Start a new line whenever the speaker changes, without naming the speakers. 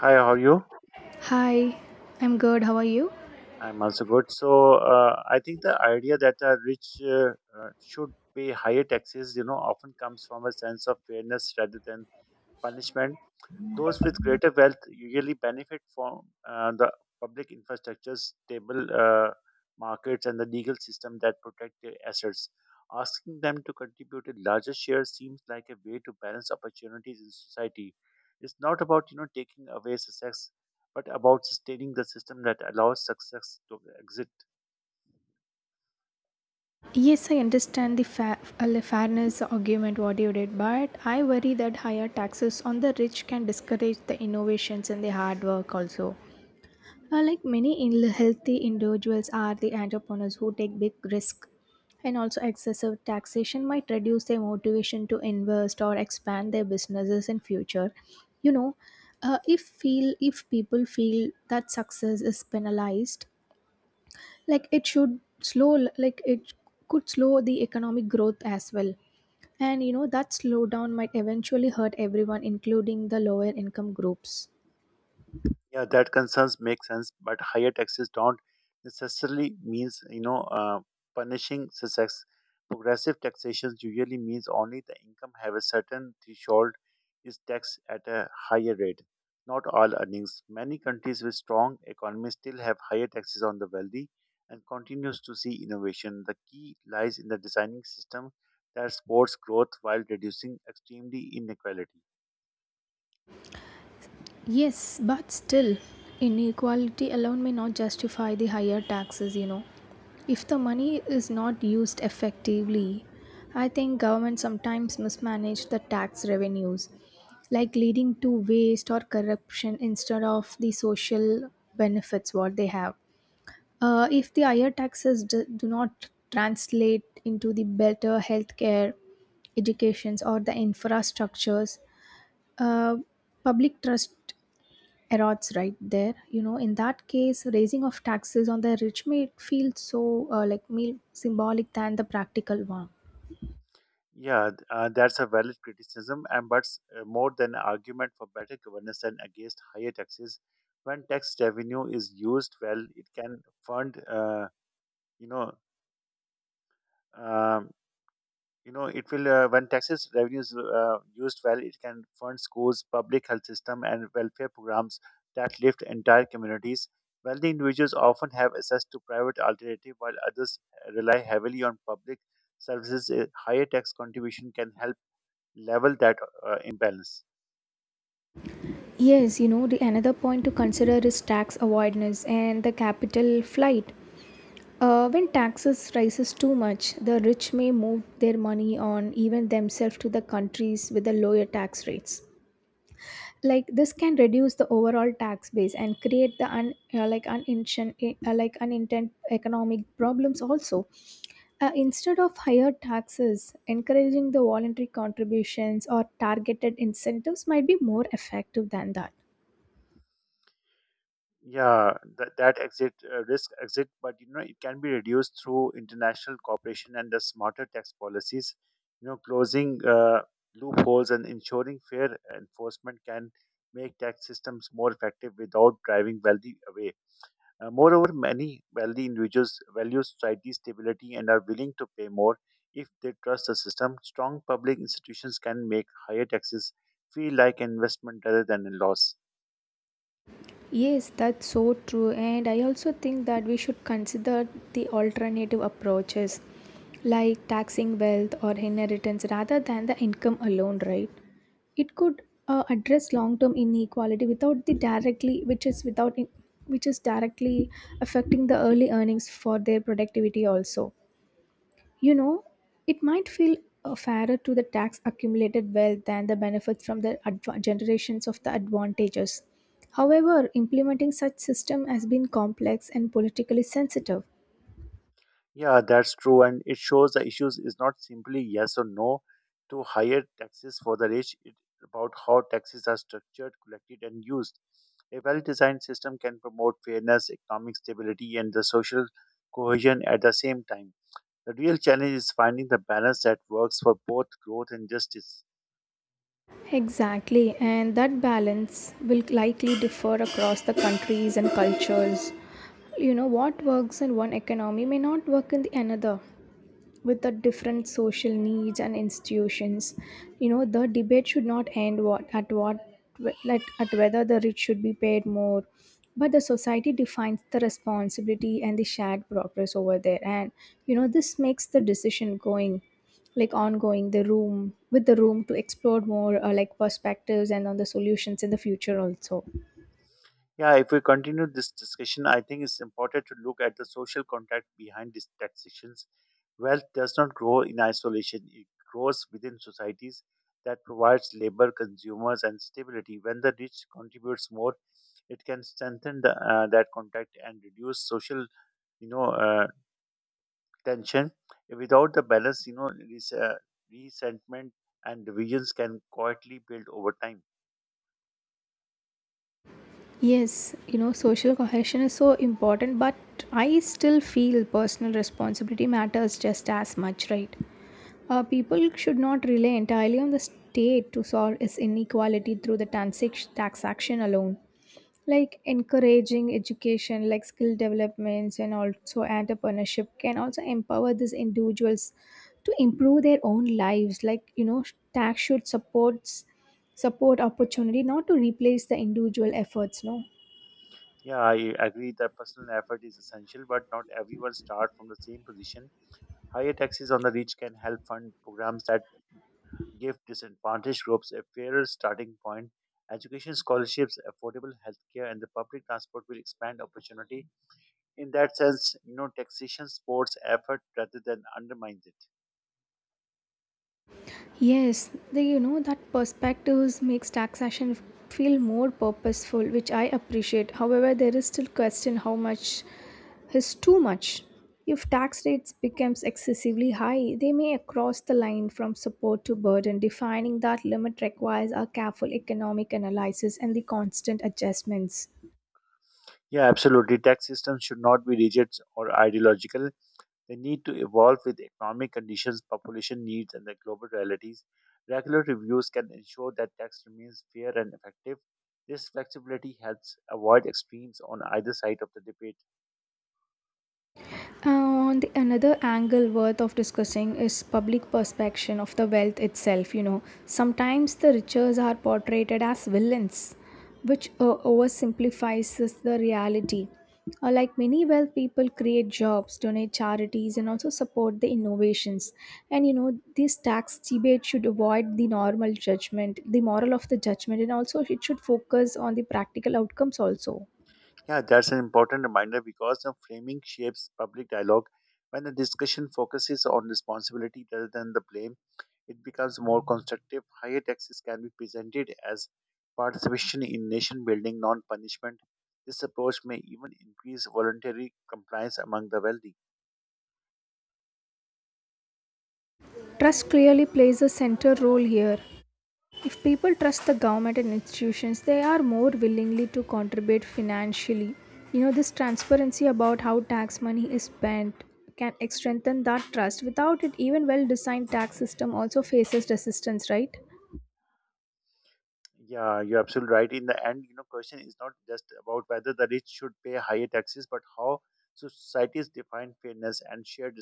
Hi, how are you?
Hi, I'm good. How are you?
I'm also good. I think the idea that the rich should pay higher taxes, you know, often comes from a sense of fairness rather than punishment. Those with greater wealth usually benefit from the public infrastructure, stable markets, and the legal system that protect their assets. Asking them to contribute a larger share seems like a way to balance opportunities in society. It's not about you know taking away success, but about sustaining the system that allows success to exist.
Yes, I understand the fairness argument what you did, but I worry that higher taxes on the rich can discourage the innovations and the hard work also. Like many healthy individuals are the entrepreneurs who take big risk, and also excessive taxation might reduce their motivation to invest or expand their businesses in future. You know, if feel if people feel that success is penalized, like it should slow, like it could slow the economic growth as well, and you know that slowdown might eventually hurt everyone including the lower income groups.
Yeah, that concerns make sense, but higher taxes don't necessarily means you know punishing success. Progressive taxation usually means only the income have a certain threshold is taxed at a higher rate, not all earnings. Many countries with strong economies still have higher taxes on the wealthy and continues to see innovation. The key lies in the designing system that supports growth while reducing extremely inequality.
Yes, but still, inequality alone may not justify the higher taxes, you know, if the money is not used effectively. I think government sometimes mismanage the tax revenues, like leading to waste or corruption instead of the social benefits what they have. If the higher taxes do not translate into the better healthcare, educations, or the infrastructures, uh, public trust erodes right there. You know, in that case, raising of taxes on the rich may feel so, like me, symbolic than the practical one.
Yeah, that's a valid criticism, and but more than an argument for better governance and against higher taxes. When tax revenue is used well, it can fund. You know, um, you know, it will. When taxes revenues used well, it can fund schools, public health system, and welfare programs that lift entire communities. Wealthy individuals often have access to private alternative, while others rely heavily on public services. A higher tax contribution can help level that imbalance.
Yes, you know, the another point to consider is tax avoidance and the capital flight. When taxes rises too much, the rich may move their money on even themselves to the countries with the lower tax rates. Like this can reduce the overall tax base and create the un, like uninten, eh, like unintended economic problems also. Instead of higher taxes, encouraging the voluntary contributions or targeted incentives might be more effective than that.
Yeah, that exit risk exit, but you know it can be reduced through international cooperation and the smarter tax policies. You know, closing loopholes and ensuring fair enforcement can make tax systems more effective without driving wealthy away. Moreover, many wealthy individuals value society stability and are willing to pay more if they trust the system. Strong public institutions can make higher taxes feel like investment rather than a loss.
Yes, that's so true. And I also think that we should consider the alternative approaches like taxing wealth or inheritance rather than the income alone, right? It could, address long-term inequality without the directly, which is without in- which is directly affecting the early earnings for their productivity also. You know, it might feel fairer to the tax accumulated wealth than the benefits from the generations of the advantages. However, implementing such system has been complex and politically sensitive.
Yeah, that's true. And it shows the issues is not simply yes or no to higher taxes for the rich. It's about how taxes are structured, collected, and used. A well designed system can promote fairness, economic stability, and the social cohesion at the same time. The real challenge is finding the balance that works for both growth and justice.
Exactly, and that balance will likely differ across the countries and cultures. You know, what works in one economy may not work in the another, with the different social needs and institutions. You know, the debate should not end what at what like at whether the rich should be paid more, but the society defines the responsibility and the shared progress over there. And you know, this makes the decision going, like ongoing, the room to explore more, like perspectives and on the solutions in the future also.
Yeah, if we continue this discussion, I think it's important to look at the social contact behind these taxations. Wealth does not grow in isolation, it grows within societies that provides labor, consumers, and stability. When the rich contributes more, it can strengthen the, that contact and reduce social, you know, uh, tension. Without the balance, you know, resentment and divisions can quietly build over time.
Yes, you know, social cohesion is so important, but I still feel personal responsibility matters just as much, right? People should not rely entirely on the state to solve its inequality through the tax action alone. Like encouraging education, like skill developments, and also entrepreneurship can also empower these individuals to improve their own lives. Like, you know, tax should support opportunity, not to replace the individual efforts, no?
Yeah, I agree that personal effort is essential, but not everyone starts from the same position. Higher taxes on the rich can help fund programs that give disadvantaged groups a fairer starting point. Education scholarships, affordable healthcare, and the public transport will expand opportunity. In that sense, you know, taxation supports effort rather than undermines it.
Yes, they, you know that perspectives makes taxation feel more purposeful, which I appreciate. However, there is still question how much is too much. If tax rates becomes excessively high, they may cross the line from support to burden. Defining that limit requires a careful economic analysis and the constant adjustments.
Yeah, absolutely. Tax systems should not be rigid or ideological. They need to evolve with economic conditions, population needs, and the global realities. Regular reviews can ensure that tax remains fair and effective. This flexibility helps avoid extremes on either side of the debate.
On the another angle worth of discussing is public perception of the wealth itself. You know, sometimes the riches are portrayed as villains, which oversimplifies the reality. Like many wealth people create jobs, donate charities, and also support the innovations. And you know, this tax debate should avoid the normal judgment, the moral of the judgment, and also it should focus on the practical outcomes also.
Yeah, that's an important reminder because the framing shapes public dialogue. When the discussion focuses on responsibility rather than the blame, it becomes more constructive. Higher taxes can be presented as participation in nation building, non punishment. This approach may even increase voluntary compliance among the wealthy.
Trust clearly plays a central role here. If people trust the government and institutions, they are more willingly to contribute financially. You know, this transparency about how tax money is spent can strengthen that trust. Without it, even well designed tax system also faces resistance, right?
Yeah, you're absolutely right. In the end, you know, question is not just about whether the rich should pay higher taxes, but how societies define fairness and shared